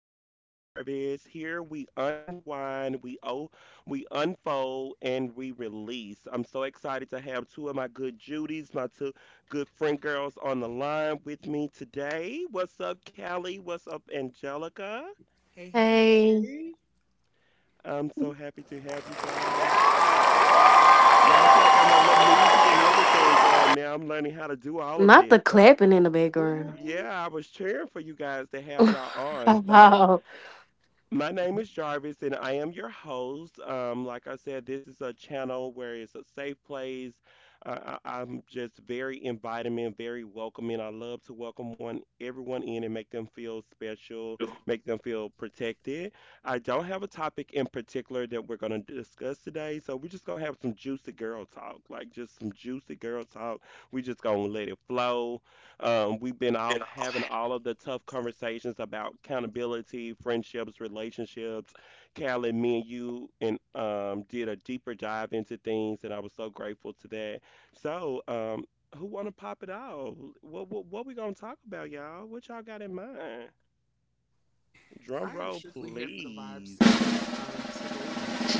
Place with Jarvis. Here we unwind, we unfold, and we release. I'm so excited to have two of my good Judies, my two good friend girls on the line with me today. What's up, Callie? What's up, Angelica? Hey, hey, Hey, hey. I'm so happy to have you guys. Y'all see, I got my little music and everything going now. I'm learning how to do all of not the this. So, clapping in the background. Ooh, yeah, I was cheering for you guys to have y'all on. So, Wow. my name is Jarvis, and I am your host. Like I said, this is a channel where it's a safe place. I'm just very inviting, very welcoming. I love to welcome one, everyone in and make them feel special, make them feel protected. I don't have a topic in particular that we're going to discuss today, so we're just going to have some juicy girl talk, like just some juicy girl talk. We are just going to let it flow. We've been all having all of the tough conversations about accountability, friendships, relationships. Callie, me and you and did a deeper dive into things, and I was so grateful to that. So, who want to pop it off? What we gonna talk about, y'all? What y'all got in mind? Drum I am roll, strictly here for the please. vibes tonight. Today,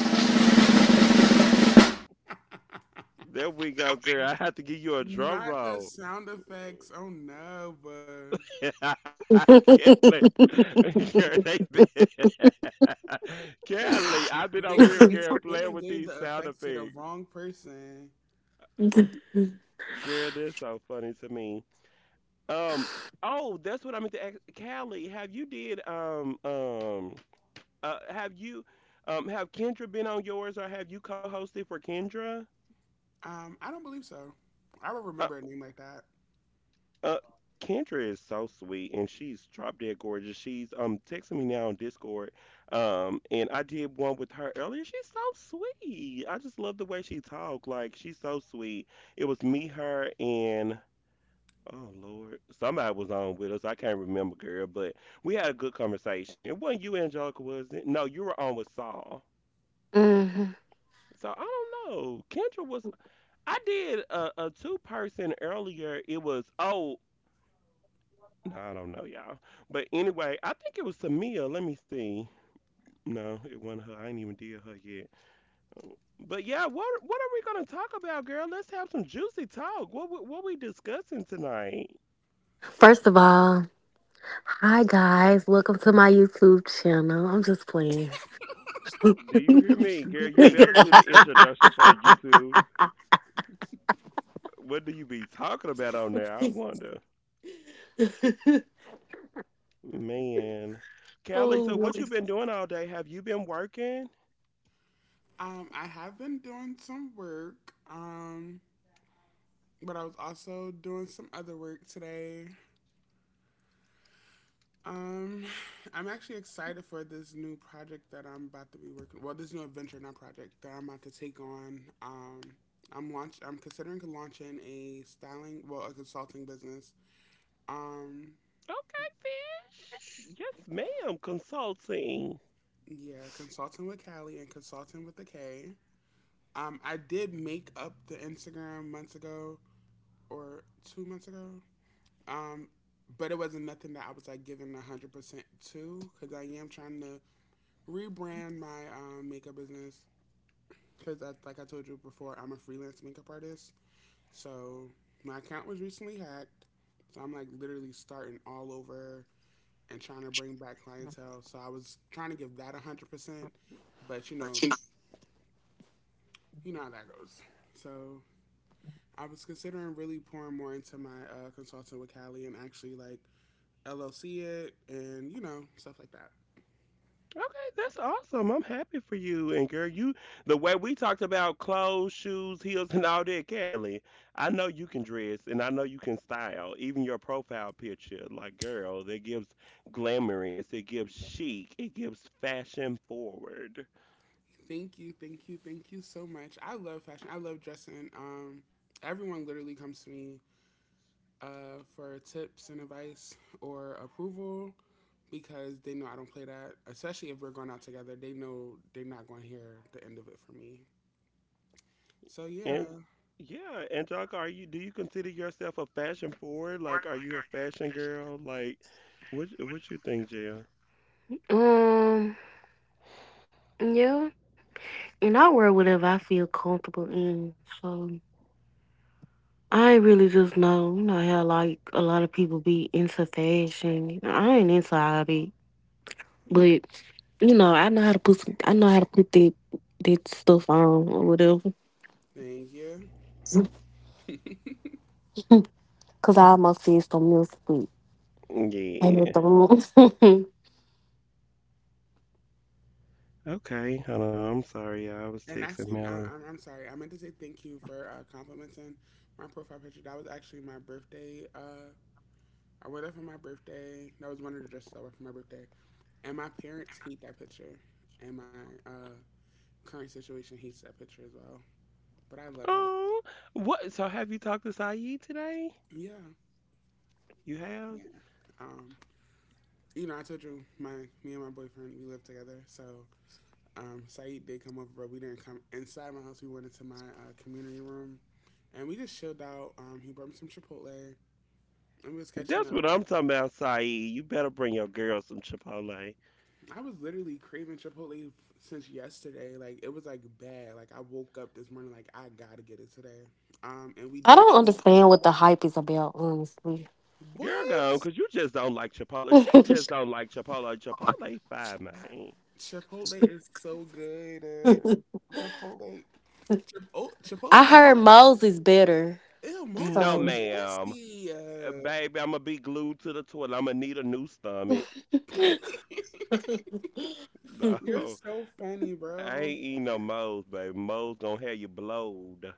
There we go, girl. I have to give you a drum not the roll. sound effects. Oh no, but Kelly, girl, they been- Kelly, I've been over they here, done gave girl, they playing done with gave these the sound effects to the effects. wrong person. Girl, they're so funny to me. Um, oh, that's what I meant to ask. Kelly, have you did uh have you have Kendra been on yours or have you co-hosted for Kendra? I don't believe so. I don't Uh, remember a name like that. Uh, Kendra is so sweet and she's drop dead gorgeous. She's texting me now on Discord. And I did one with her earlier. She's so sweet. I just love the way she talked. Like she's so sweet. It was me, her, and oh Lord, somebody was on with us. I can't remember, girl, but we had a good conversation. It wasn't you, Angelica, was it? No, you were on with Saul. Mhm. So I don't know. Kendra was. I did a two-person earlier. It was oh I don't know, y'all. But anyway, I think it was Tamia. Let me see. No, it wasn't her. I ain't even did her yet. But yeah, what are we gonna talk about, girl? Let's have some juicy talk. What we discussing tonight? First of all, hi guys, welcome to my YouTube channel. I'm just playing. Do you hear me, girl? You better do the introduction for the YouTube. What do you be talking about on there? I wonder. Man, Callie. So oh. what you been doing all day? Have you been working? I have been doing some work. But I was also doing some other work today. Um, I'm actually excited for this new project that I'm about to be working. Well, this new adventure, not project, that I'm about to take on. I'm considering launching a styling, well, a consulting business. Um, Okay, fish. Yes, ma'am. Consulting. yeah, consulting with Callie and consulting with the K. I did make up the Instagram months ago or 2 months ago. Um, but it wasn't nothing that I was like giving 100% to because I am trying to rebrand my makeup business because I, like I told you before, I'm a freelance makeup artist. So my account was recently hacked. So I'm like literally starting all over and trying to bring back clientele. So I was trying to give that 100%, but you know how that goes. So I was considering really pouring more into my consultant with Callie and actually like LLC it and stuff like that. Okay, that's awesome. I'm happy for you. And girl, you the way we talked about clothes, shoes, heels, and all that, Kelly. I know you can dress and I know you can style. Even your profile picture, like girl, that gives glamorous, it gives chic, it gives fashion forward. Thank you, thank you, thank you so much. I love fashion. I love dressing. Everyone literally comes to me for tips and advice or approval because they know I don't play that. Especially if we're going out together, they know they're not going to hear the end of it from me. So yeah, And yeah, Angelica, are you do you consider yourself a fashion forward? Like are you a fashion girl? Like what you think, Jill? Um, yeah, and I wear whatever I feel comfortable in. So I ain't really just know, you know how like a lot of people be into fashion. I ain't into all that. But you know, I know how to put some, I know how to put that stuff on or whatever. thank you. Cause I almost did some music with- I had Yeah. the room. Okay, hold on. I'm sorry, y'all. I was And texting actually, I, Mallory. I'm, I'm sorry. I meant to say thank you for complimenting my profile picture. That was actually my birthday. I wore that for my birthday. That was one of the dresses I wore for my birthday. And my parents hate that picture. And my uh, current situation hates that picture as well. But I love it. Oh, what? So have you talked to Saeed today? Yeah. You have? Yeah. Um, I told you my me and my boyfriend we live together. So Saeed did come over, but we didn't come inside my house. We went into my community room, and we just chilled out. He brought me some Chipotle, and we was catching That's up. what I'm talking about, Saeed. You better bring your girl some Chipotle. I was literally craving Chipotle since yesterday. Like it was like bad. Like I woke up this morning like I gotta get it today. And we I don't did today. understand what the hype is about, honestly. Girl gone, What? because you just don't like Chipotle. She just don't like Chipotle. Chipotle fine, man. Chipotle is so good. Chipotle. Oh, I Chipotle. By the heard way, Moses is better. ew, Moses No, So ma'am. nasty. Baby, I'm going to be glued to the toilet. I'm going to need a new stomach. you You're No, so funny, I bro. ain't eating no moles, baby. Moles going to have you blowed.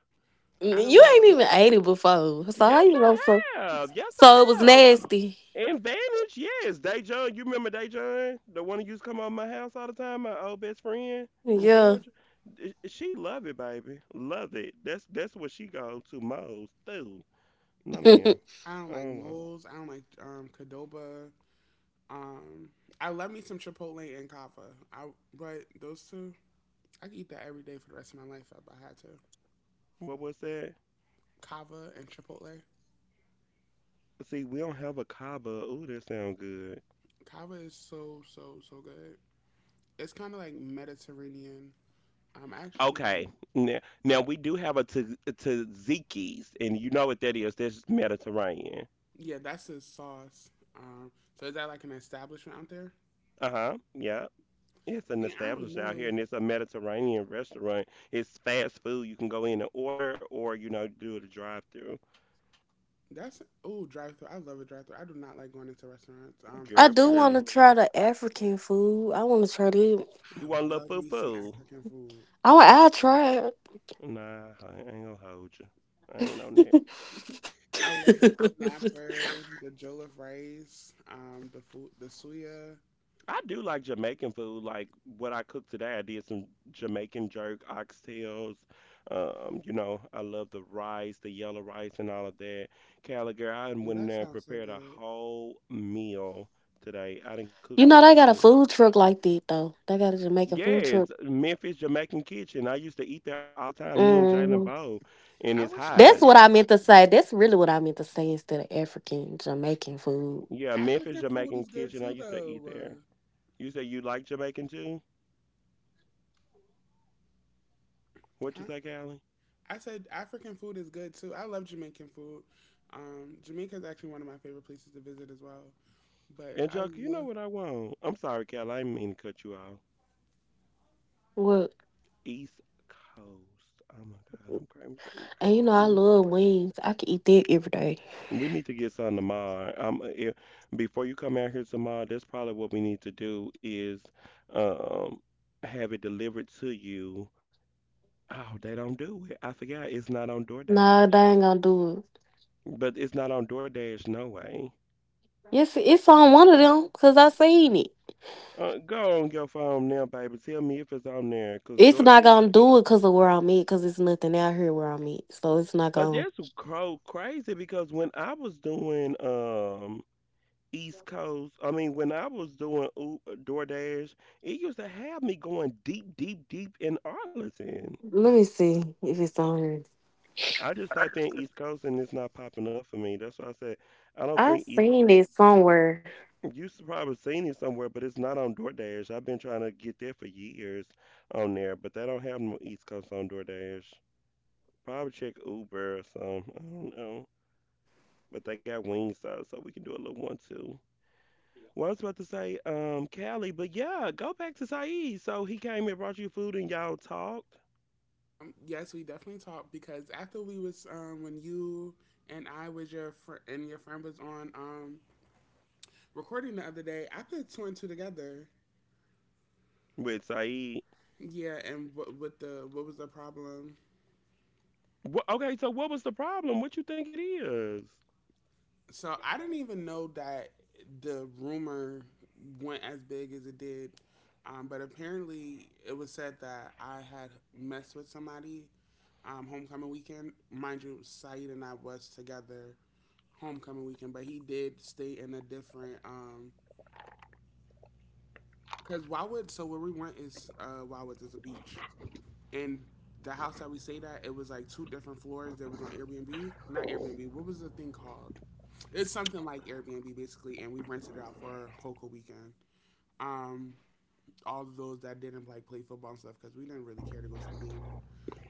I don't like ain't even ate it before. So how Yes, you know so I have. Yes, so it I was have. nasty. Advantage, yes. Dejon, you remember Dejon, the one who used to come over my house all the time, my old best friend from Yeah. Georgia. D- she love it, baby, love it. That's what she go to most too. No man, I don't like um, moles. I don't like Cadoba. Um, I love me some Chipotle and Kava. I But those two, I could eat that every day for the rest of my life if I had to. what was that? Kava and Chipotle. See, we don't have a kava. Ooh, that sounds good. Kava is so so so good. It's kind of like Mediterranean. I actually think it is. Okay, now, now we do have a a tzatziki's, and you know what that is. That's Mediterranean. Yeah, that's his sauce. So is that like an establishment out there? Uh huh. Yeah. It's an See, I don't establishment out here, know. and it's a Mediterranean restaurant. It's fast food. You can go in and order, or you know, do the drive-through. That's oh Drive through. I love a drive through. I do not like going into restaurants. I Girl, Fast do please. wanna try the African food. I wanna try it. I You want a little love foo me some foo? African food. I'll try it. Nah, I ain't gonna hold you. I ain't on that. I love the snapper, the jollof rice, the food, the suya. I do like Jamaican food. Like what I cooked today, I did some Jamaican jerk oxtails. You know, I love the rice, the yellow rice, and all of that. Callie, girl, I done Ooh, went in that there and sounds so prepared a good. whole meal today. I didn't cook You so know they got a good. food truck like that though. They got a Jamaican food Yes, truck. Memphis Jamaican Kitchen. I used to eat there all the time. Me and hmm Jalen Bo in his I wish I That's what would. hide. I meant to say. That's really what I meant to say instead of African Jamaican food. Yeah, Memphis African food Jamaican is good Kitchen. I too, used to eat though. there. You say you like Jamaican too? What Huh? you say, Callie? I said African food is good too. I love Jamaican food. Jamaica is actually one of my favorite places to visit as well. But And I Chuck, you know love. what I want? I'm sorry, Callie. I didn't mean to cut you off. Well, East Coast. Oh my God, I'm craving some East and you Coast know right I now. love wings. I could eat that every day. We need to get some tomorrow. If, Before you come out here tomorrow, that's probably what we need to do is um have it delivered to you. Oh, they don't do it. I forgot it's not on Nah, they DoorDash. ain't gonna do it. But it's not on DoorDash, no way. Yes, it's on one of them because I seen it. Go on your phone now, baby. Tell me if it's on there, It's not gonna do it because of where I'm at. Because it's nothing out here where I'm at. So it's not but gonna. that's crazy because when I was doing East Coast, I mean when I was doing DoorDash, it used to have me going deep, deep, deep in Arlington. Let me see if it's on here. I just typed in East Coast and it's not popping up for me. That's why I said I I don't think East. seen it somewhere. You should probably seen it somewhere, but it's not on DoorDash. I've been trying to get there for years on there, but they don't have no East Coast on DoorDash. Probably check Uber or something. I don't know. But they got Wingstop, so we can do a little one too. Well, I was about to say, Callie, but yeah, go back to Saeed. So he came and brought you food and y'all talked Yes, we definitely talked because after we was when you and I was your and your friend was on recording the other day, I put two and two together. with Saeed. Yeah, and what was the problem? Wha okay, so what was the problem? What you think it is? So I didn't even know that the rumor went as big as it did. But apparently, it was said that I had messed with somebody homecoming weekend. Mind you, Saeed and I was together homecoming weekend, but he did stay in a different. Cause Wildwood, so where we went is Wildwood is a beach. And the house that we stayed at, it was like two different floors. There was on Airbnb, not Airbnb. What was the thing called? It's something like Airbnb basically, and we rented it out for a Hoka weekend. Um, all of those that didn't like play football and stuff because we didn't really care to go to the game.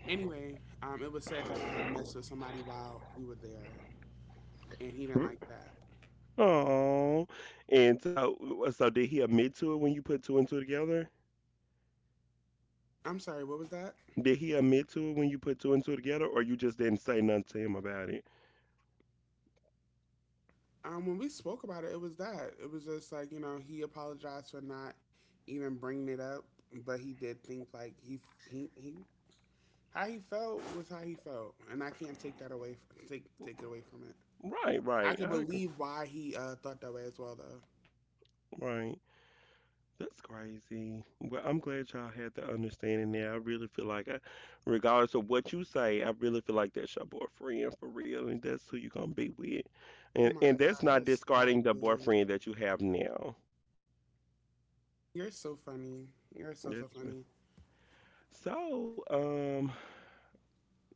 Anyway, it was said that I had messed with somebody while we were there, and he didn't like that. Oh, and so did he admit to it when you put two and two together? I'm sorry, what was that? Did he admit to it when you put two and two together, or you just didn't say nothing to him about it? When we spoke about it, it was that. It was just like, you know, he apologized for not even bringing it up, but he did think like he how he felt was how he felt, and I can't take that away. From, take it away from it. Right, I right. could I agree. believe why he thought that way as well, though. Right. That's crazy. Well, I'm glad y'all had the understanding there. I really feel like, I, regardless of what you say, I really feel like that's your boyfriend for real, and that's who you're gonna be with. Oh And my and that's God! not Stop discarding the it. boyfriend that you have now. You're so funny. You're so so That's re- funny. so.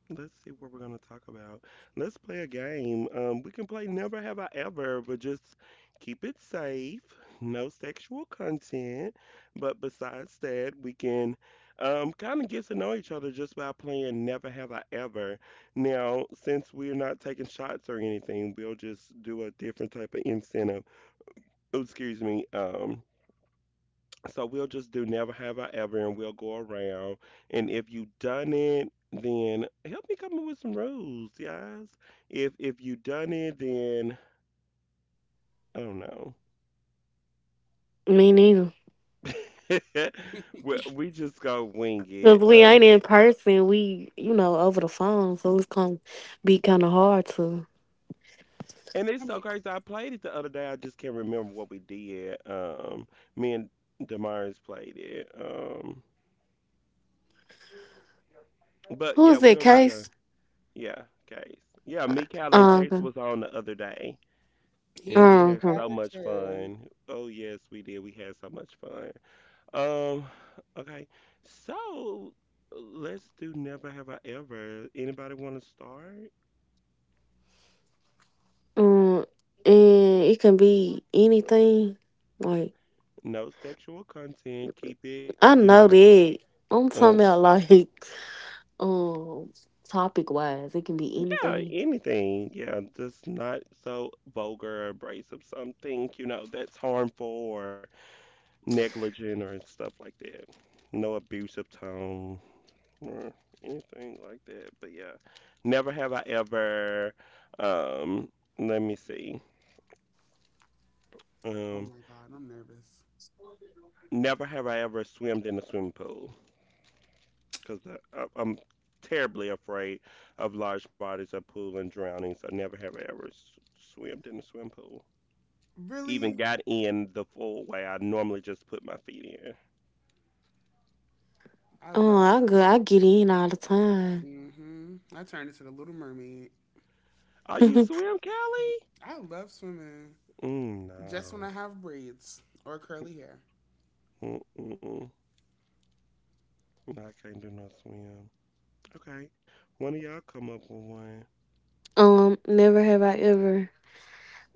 Let's see what we're gonna talk about. Let's play a game. We can play Never Have I Ever, but just keep it safe. No sexual content. But besides that, we can kind of get to know each other just by playing Never Have I Ever. Now, since we're not taking shots or anything, we'll just do a different type of incentive. Oh, excuse me. So we'll just do never have I ever, and we'll go around. And if you done it, then help me come up with some rules, guys. If you done it, then I don't know. Me neither. We just go wing Cause it. we ain't in person, we you know over the phone, so it's gonna be kind of hard to. And it's I so mean, crazy. I played it the other day. I just can't remember what we did. Me and Damaris played it. But Who yeah, is that we'll just go. Case? Yeah, Case. Yeah, me, Callie, and Case Okay. was on the other day. And he's we had a Okay. so much character. fun. Oh yes, we did. We had so much fun. Um, okay. So let's do never have I ever. Anybody want to start? Um, and it can be anything. Like No sexual content. Keep it, I you know know. that I'm Uh, talking about like um topic wise, it can be yeah, anything. anything. Yeah, just not so vulgar, abrasive. Something, you know, that's harmful or negligent or stuff like that. No abusive tone or anything like that. But yeah, never have I ever, um, let me see, Oh um, my God! I'm nervous. never have I ever swimmed in a swimming pool because I'm terribly afraid of large bodies of pool and drowning. So never have I ever swimmed in a swimming pool. Even Really, got in the full way. I normally just put my feet in. I Oh, love. I go, I get in all the time. Mm-hmm. I turned into the Little Mermaid. Are you swim, Callie? I love swimming. Mm, Just when I no. have braids or curly hair. Mm-mm. No, I can't do no swim. Okay. One of y'all come up with one. Never have I ever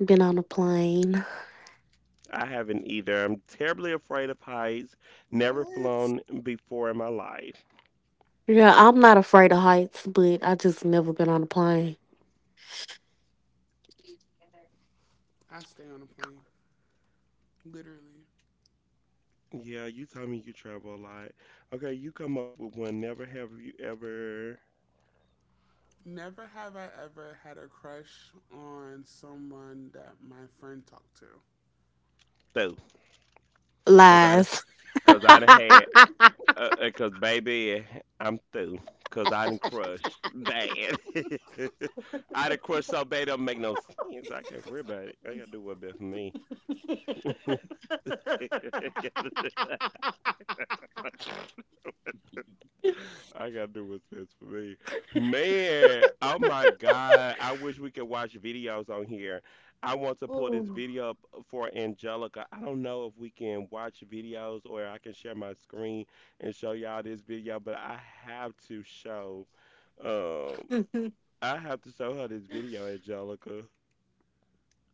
been on a plane. I haven't either. I'm terribly afraid of heights. Never What? flown before in my life. Yeah, I'm not afraid of heights, but I just never been on a plane. I stay on a plane. Literally. Yeah, you tell me you travel a lot. Okay, you come up with one. Never have you ever Never have I ever had a crush on someone that my friend talked to. through. Cause I, done- Lies. cause I done had, cause baby, I'm through. Cause I done crushed bad. I done crushed so bad it don't make no sense. I can't worry about it. I gotta do what best for me. I gotta do what's best for me. Man, oh my God. I wish we could watch videos on here. I want to pull this Ooh. video up for Angelica. I don't know if we can watch videos or I can share my screen and show y'all this video, but I have to show um I have to show her this video, Angelica.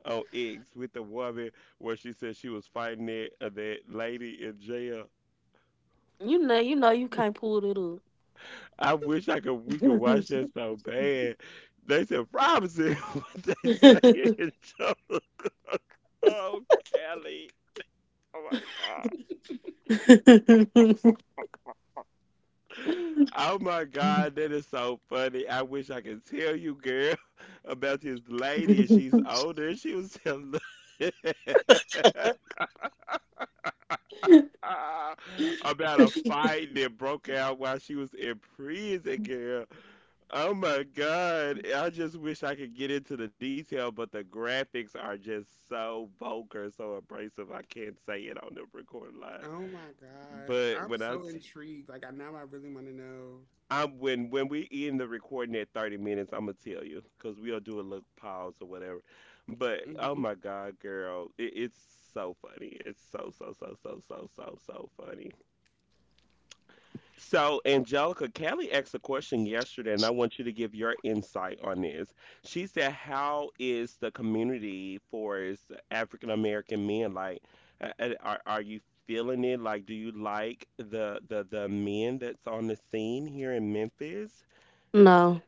On X with the woman where she said she was fighting that lady in jail. You know, you know, you can't pull it up. I wish I could we could watch that so bad. They said Robinson what they say in Joe. Oh, Kelly. Oh my god. Oh my god, that is so funny. I wish I could tell you, girl, about this lady, and she's older. And she was telling Ah, about a fight that broke out while she was in prison, girl. Oh my God. I just wish I could get into the detail, but the graphics are just so vulgar, so abrasive. I can't say it on the recording line. Oh my gosh, But I'm so intrigued. Like I now, I really want to know. I'm when we end the recording at 30 minutes, I'm gonna tell you because we'll do a little pause or whatever. But oh Hmm. my God, girl, it's so funny. It's so so so so so so so funny. So, Angelica, Kelly asked a question yesterday, and I want you to give your insight on this. She said, how is the community for us African American men? Like, are you feeling it? Like, do you like the men that's on the scene here in Memphis? No,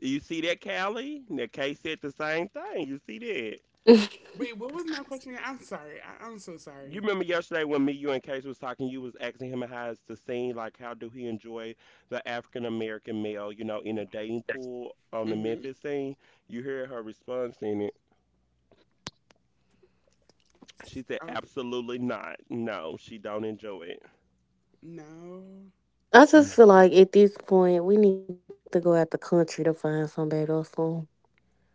You see that, Kelly? Now, Kay said the same thing. You see that? Wait, what was my question? Again? I'm sorry. I'm so You sorry. remember yesterday when me, you, and Case was talking, you was asking him how is the scene, like how do he enjoy the African American male, you know, in a dating pool on the Hmm. Memphis scene? You hear her response in it. She said, Oh absolutely not. No, she don't enjoy it. no, I just No. feel like at this point we need to go out the country to find somebody or something.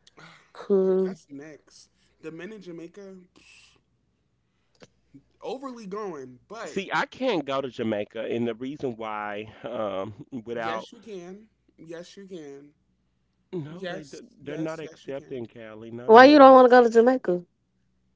Cause that's next. The men in Jamaica overly going, but See, I can't go to Jamaica, and the reason why, without, yes, you can. Yes, you can. no, they, Yes, they're why you yes, not don't yes, want to you go to can. accepting Cali. Jamaica? No, they're not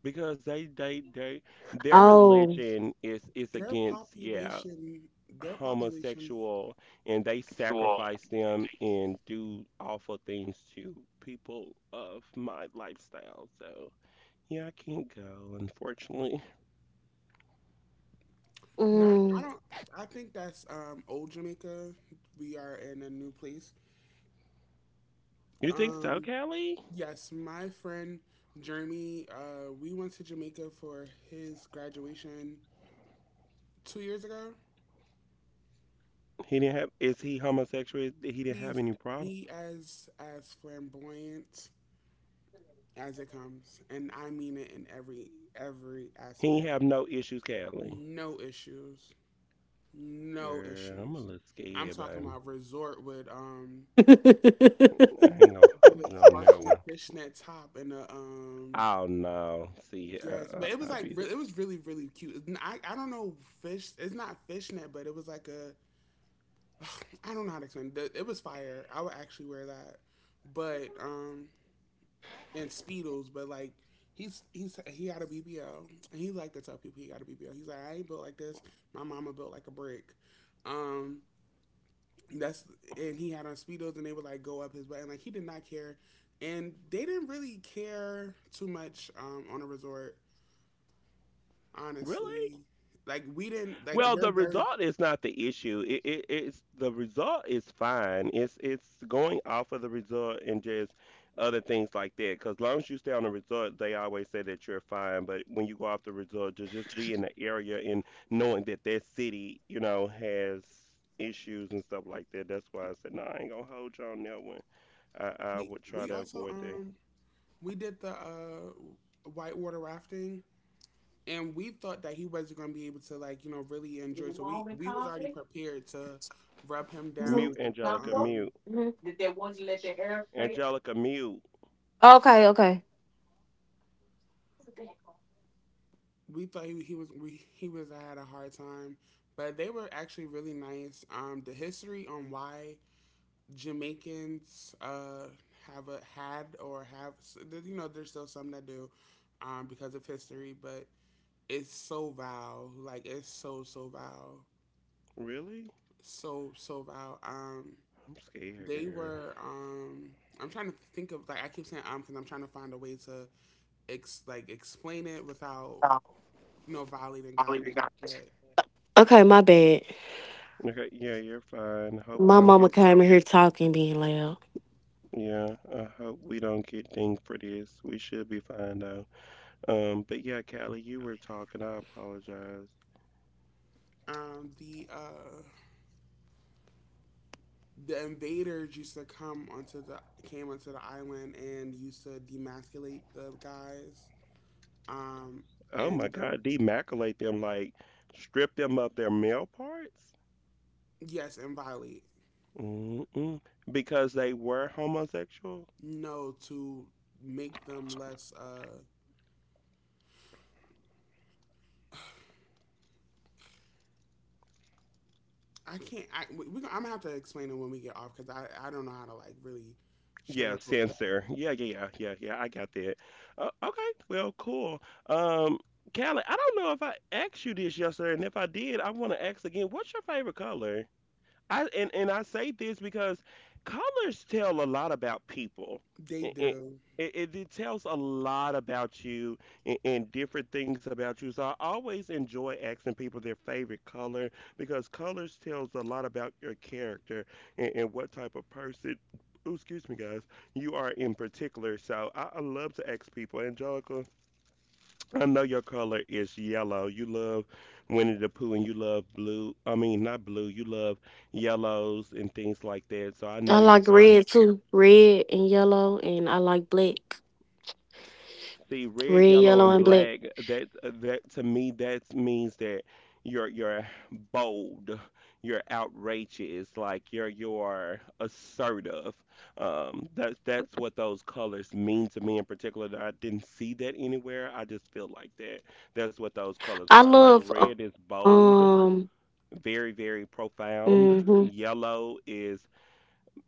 because they Oh, their religion is Their against, yeah, population, their population. homosexual, and they sacrifice them and do awful things to people of my lifestyle. So yeah, I can't go, unfortunately. mm. Not, I don't. I think that's old Jamaica. We are in a new place. You think so, Um, Callie? yes, my friend Jeremy. We went to Jamaica for his graduation 2 years ago. He didn't have, is he homosexual? He didn't have He's any problem. he as flamboyant as it comes, and I mean it in every He ain't aspect. have no issues, Callie. No issues. No Girl, I'm a issues. little I'm scared, talking baby. about resort I ain't gonna with hold a you on that sparkly one. fishnet top and a Oh no. See, Yes, but it was I like be it scared. was really really cute. I don't know. Fish. It's not fishnet, but it was like a I don't know how to explain. It was fire. I would actually wear that, but and speedos. But like he got a BBL and he like to tell people he got a BBL. He's like I ain't built like this. My mama built like a brick. Um, that's And he had on speedos and they would like go up his butt and like he did not care, and they didn't really care too much on a resort Really? honestly. Like we didn't like Well, we're the very result is not the issue. It's the result is fine. It's going off of the result and just other things like that. Because long as you stay on the result, they always say that you're fine. But when you go off the result, to just be in the area and knowing that that city, you know, has issues and stuff like that. That's why I said no. I ain't gonna hold you on that one. I we, would try we to also avoid that. We did the whitewater rafting and we thought that he wasn't going to be able to like you know really enjoy so we was already prepared to rub him Mhm. down Mute, with the Angelica. Mute, Mhm. Angelica. Mute. Okay, okay, we thought he was we, he was had a hard time, but they were actually really nice. The history on why Jamaicans have a had or have, there's still some that do because of history, but it's so vile. Like it's so so vile. Really? So so vile. I'm scared, They girl. were. I'm trying to think of, like, I keep saying because I'm trying to find a way to ex like explain it without you know violating guidelines. But okay. My bad. Okay, yeah, you're fine. Hope My I don't mama get. came in here talking, being loud. Yeah, I hope we don't get dinged for this. We should be fine though. But yeah, Callie, you were talking. I apologize. um, the uh the invaders used to come onto the came onto the island and used to demasculate the guys. Um, Oh my and the God, demaculate them, like strip them of their male parts? yes and violate Mm-mm. Because they were homosexual? no to make them less I can't. I'm gonna have to explain it when we get off because I don't know how to like really Yeah, sugarcoat that. censor. Yeah, yeah, yeah, yeah, yeah. I got that. Okay, well, cool. Um, Callie, I don't know if I asked you this yesterday, and if I did, I want to ask again. What's your favorite color? I and I say this because colors tell a lot about people. They It, it, do. It tells a lot about you and different things about you. So I always enjoy asking people their favorite color because colors tells a lot about your character and what type of person. Ooh, excuse me, guys. You are in particular. So I love to ask people, Angelica. I know your color is yellow. You love Winnie the Pooh and you love blue. I mean, not blue. You love yellows and things like that. So I know I your like favorite. red too. Red and yellow and I like black. See, red, Red, yellow, yellow and and black. black. That to me that means that you're bold. You're outrageous. Like you're assertive. That's what those colors mean to me in particular. I didn't see that anywhere. I just feel like that. That's what those colors I are. Like love red is bold, um very, very profound. hmm Yellow is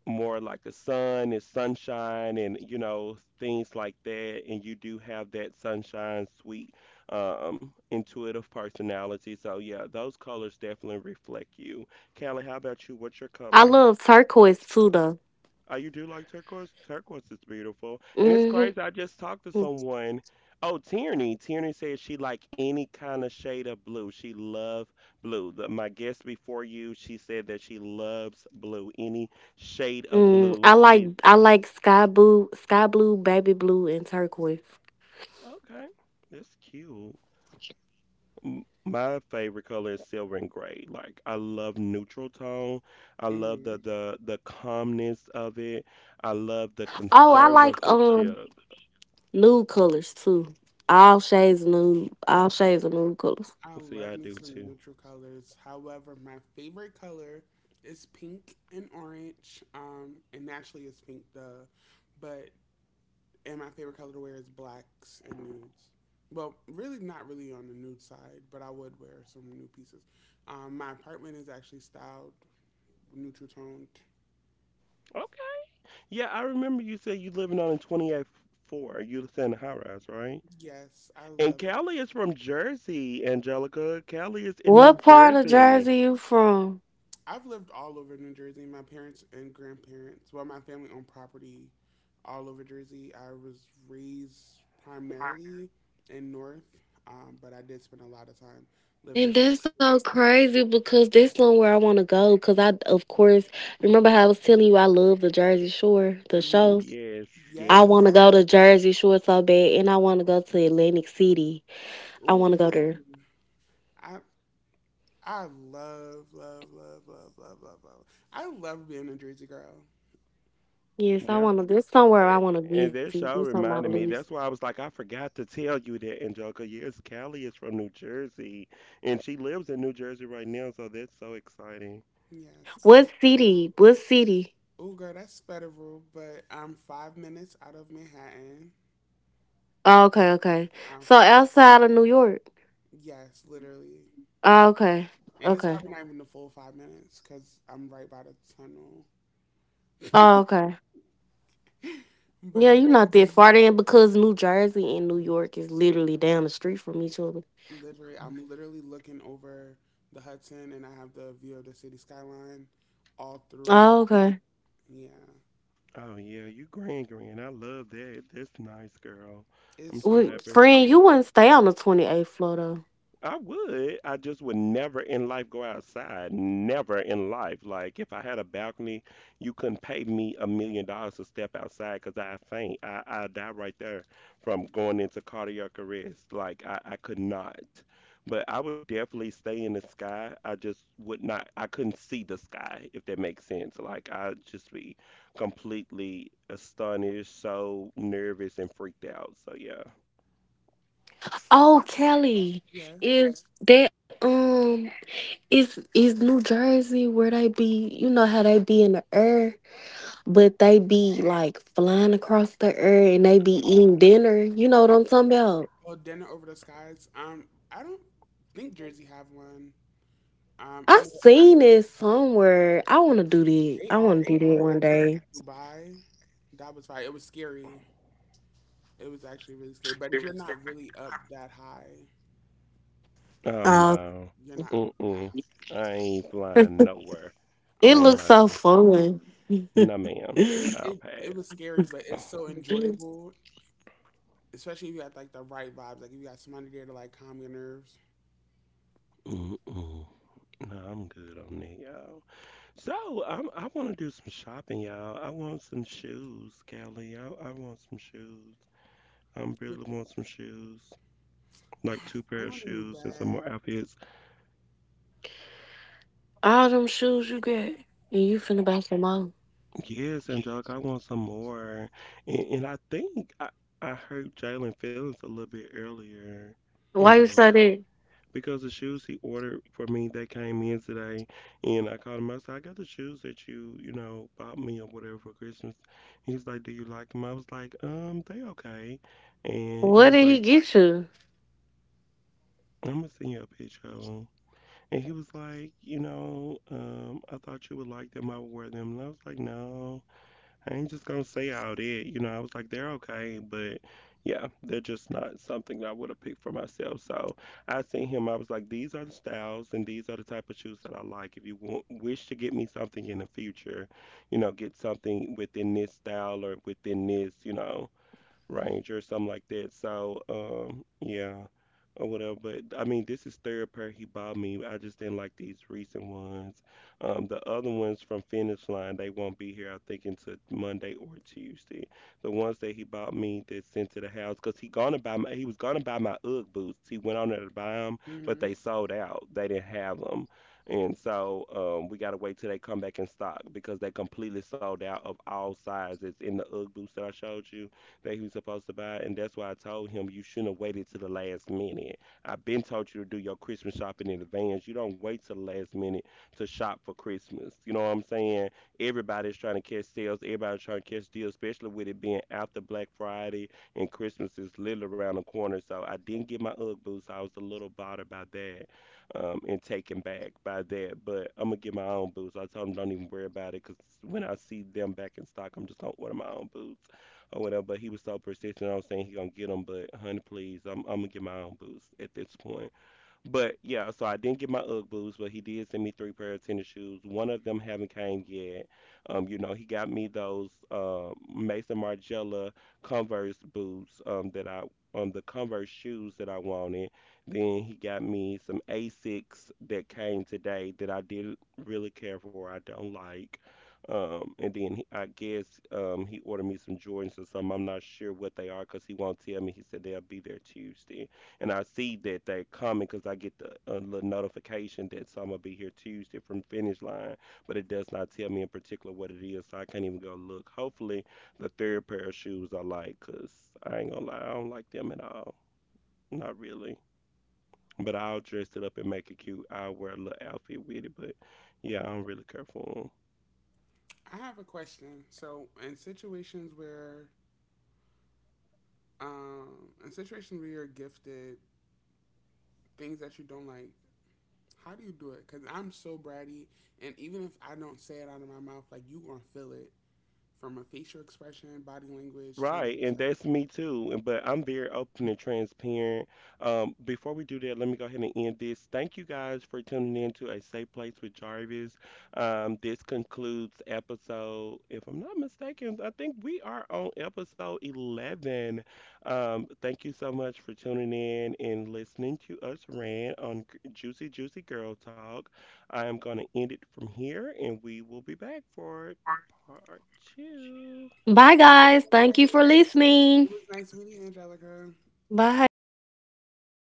more like the sun, is sunshine, and you know things like that. And you do have that sunshine, sweet, intuitive personality. So yeah, those colors definitely reflect you. Callie, how about you? What's your I color? love turquoise too though. Oh, you do like turquoise? Turquoise is beautiful. And it's Mm. crazy. I just talked to Mhm. someone. Oh, Tierney. Tierney said she like any kind of shade of blue. She love blue. The, my guest before you, she said that she loves blue. Any shade of Mm, blue, I like, she's I like sky blue, baby blue and turquoise. okay. That's cute. M- My favorite color is silver and gray. Like I love neutral tone. I love Hmm. The calmness of it. I love the Oh, I like conservative ship. nude colors too. All shades of nude, all shades of nude colors. I See, love I me do some too. neutral colors. However, my favorite color is pink and orange. And naturally it's pink, duh. But and my favorite color to wear is blacks and nudes. Well, really not really on the nude side, but I would wear some nude pieces. My apartment is actually styled neutral toned. Okay. Yeah, I remember you said you living on in 284. You live in a high rise, right? Yes, I And love. Callie is from Jersey, Angelica. Callie is in New What part of Jersey. Jersey you from? I've lived all over New Jersey. My parents and grandparents, well, my family owned property all over Jersey. I was raised primarily in North, but I did spend a lot of time living in And South. that's so crazy because that's somewhere I want to go. Because I, of course, remember how I was telling you I love the Jersey Shore, the Hmm. show. Yes, I Yes. want yes, to go to Jersey Shore so bad, and I want to go to Atlantic City. I Ooh. want to go there. I I love love love love love love love. I love being a Jersey girl. Yes, I Like, yeah. want to. That's somewhere I A- want to And that visit. It's show on my reminded me. list. That's why I was like, I forgot to tell you that, Angelica. Yes, Callie is from New Jersey, and she lives in New Jersey right now. So that's so exciting. yes. I What city? What city? Oh girl, that's federal, but I'm 5 minutes out of Manhattan. Oh, okay, okay. I'm So fi- outside of New York. yes, literally. Oh, okay, And it's okay, probably not even the full 5 minutes because I'm right by the tunnel. oh, okay. But Yeah, you're yeah, not that far then because New Jersey and New York is literally down the street from each other. literally, I'm literally looking over the Hudson and I have the view of the city skyline all through my. Oh, okay. Yeah, Oh yeah, you grand grand. I love that. That's nice, girl. it's I'm so so Well, happy for beautiful. friend, you you. wouldn't stay on the 28th floor though. I would. I just would never in life go outside. Never in life. Like if I had a balcony, you couldn't pay me $1 million to step outside because I faint. I die right there from going into cardiac arrest. Like I could not. But I would definitely stay in the sky. I just would not. I couldn't see the sky if that makes sense. Like I'd just be completely astonished, so nervous and freaked out. So yeah. Oh, Kelly, Yes. is that is New Jersey where they be? You know how they be in the air, but they be like flying across the air and they be eating dinner. You know what I'm talking about? Well, dinner over the skies. I don't think Jersey have one. I I know seen this somewhere. I want to do that. they I all want to do over. that I one did it day. in Dubai. That was fine. It was scary. It was actually really scary. But you're not really up that high. Oh Uh, no. You're not up that Mm-mm. I ain't flying nowhere. high. it I Oh my. am looks not so doing. fun. No, ma'am. It, I'll it it pass. was scary, but it's so enjoyable, especially if you got like the right vibes. Like if you got somebody there to like calm your nerves. Mm-mm. No, I'm good on that, y'all. I want to do some shopping, y'all. I want some shoes, Kelly. I want some shoes. I really Which want some shoes, like two I pair of want a new shoes and some bag. more outfits. All them shoes you got, and you finna buy some more. Yes, Angelica, I want some more. And I hurt Jalen's feelings a little bit earlier, Why you say Angelica, that? because the shoes he ordered for me they came in today, and I called him. I said I got the shoes that you know bought me or whatever for Christmas. He was like, do you like them? I was like, they okay. And he What was did like, he get you? I'm gonna send you a picture of them. And he was like, you know, I thought you would like them. I would wear them. And I was like, no, I ain't just gonna say all that. You know, I was like, they're okay, but yeah, they're just not something that I would have picked for myself. So I seen him, I was like, these are the styles and these are the type of shoes that I like. If you want, wish to get me something in the future, you know, get something within this style or within this, you know, range or something like that. So, yeah, or whatever. But I mean, this is third pair he bought me. I just didn't like these recent ones. The other ones from Finish Line, they won't be here I think until Monday or Tuesday. The ones that he bought me that sent to the house, cause he gonna buy my, he was gonna buy my UGG boots. He went on there to buy them, but Hmm. they sold out. They didn't have them. And so we gotta wait till they come back in stock because they completely sold out of all sizes in the UGG boots that I showed you that he was supposed to buy. And that's why I told him you shouldn't have waited to the last minute. I've been told you to do your Christmas shopping in advance. You don't wait till the last minute to shop for Christmas. You know what I'm saying? Everybody's trying to catch sales. Everybody's trying to catch deals, especially with it being after Black Friday, and Christmas is literally around the corner. So I didn't get my UGG boots. So I was a little bothered by that, and taken back by that. But I'm gonna get my own boots. I told him don't even worry about it, because when I see them back in stock, I'm just gonna order my own boots or whatever. But he was so persistent. I was saying he gonna get them, but honey, please, I'm gonna get my own boots at this point. But yeah, so I didn't get my UGG boots, but he did send me three pair of tennis shoes. One of them haven't came yet. You know, he got me those Mason Margiela Converse boots that I the Converse shoes that I wanted. Then he got me some Asics that came today that I didn't really care for. I don't like. And then he, I guess he ordered me some Jordans or something. I'm not sure what they are because he won't tell me. He said they'll be there Tuesday and I see that they coming because I get the a little notification that so I'm gonna be here Tuesday from Finish Line, but it does not tell me in particular what it is, so I can't even go look. Hopefully, the third pair of shoes I like, cause I ain't gonna lie, I don't like them at all, not really. But I'll dress it up and make it cute. I'll wear a little outfit with it, but yeah, I don't really care for them. I have a question. So in situations where, um, you're gifted things that you don't like, how do you do it? Because I'm so bratty, and even if I don't say it out of my mouth, like you gonna feel it from a facial expression, body language, tone of Right, voice. and Like, that's me too. And- But I'm very open and transparent. Before we do that, let me go ahead and end this. Thank you guys for tuning in to A Safe Place with Jarvis. This concludes episode, if I'm not mistaken, I think we are on episode 11. Thank you so much for tuning in and listening to us rant on G- Juicy Juicy Girl Talk. I am going to end it from here, and we will be back for part two. Bye, "Hey, guys. Thank you guys, for listening. it was nice meeting you, Angelica." Bye.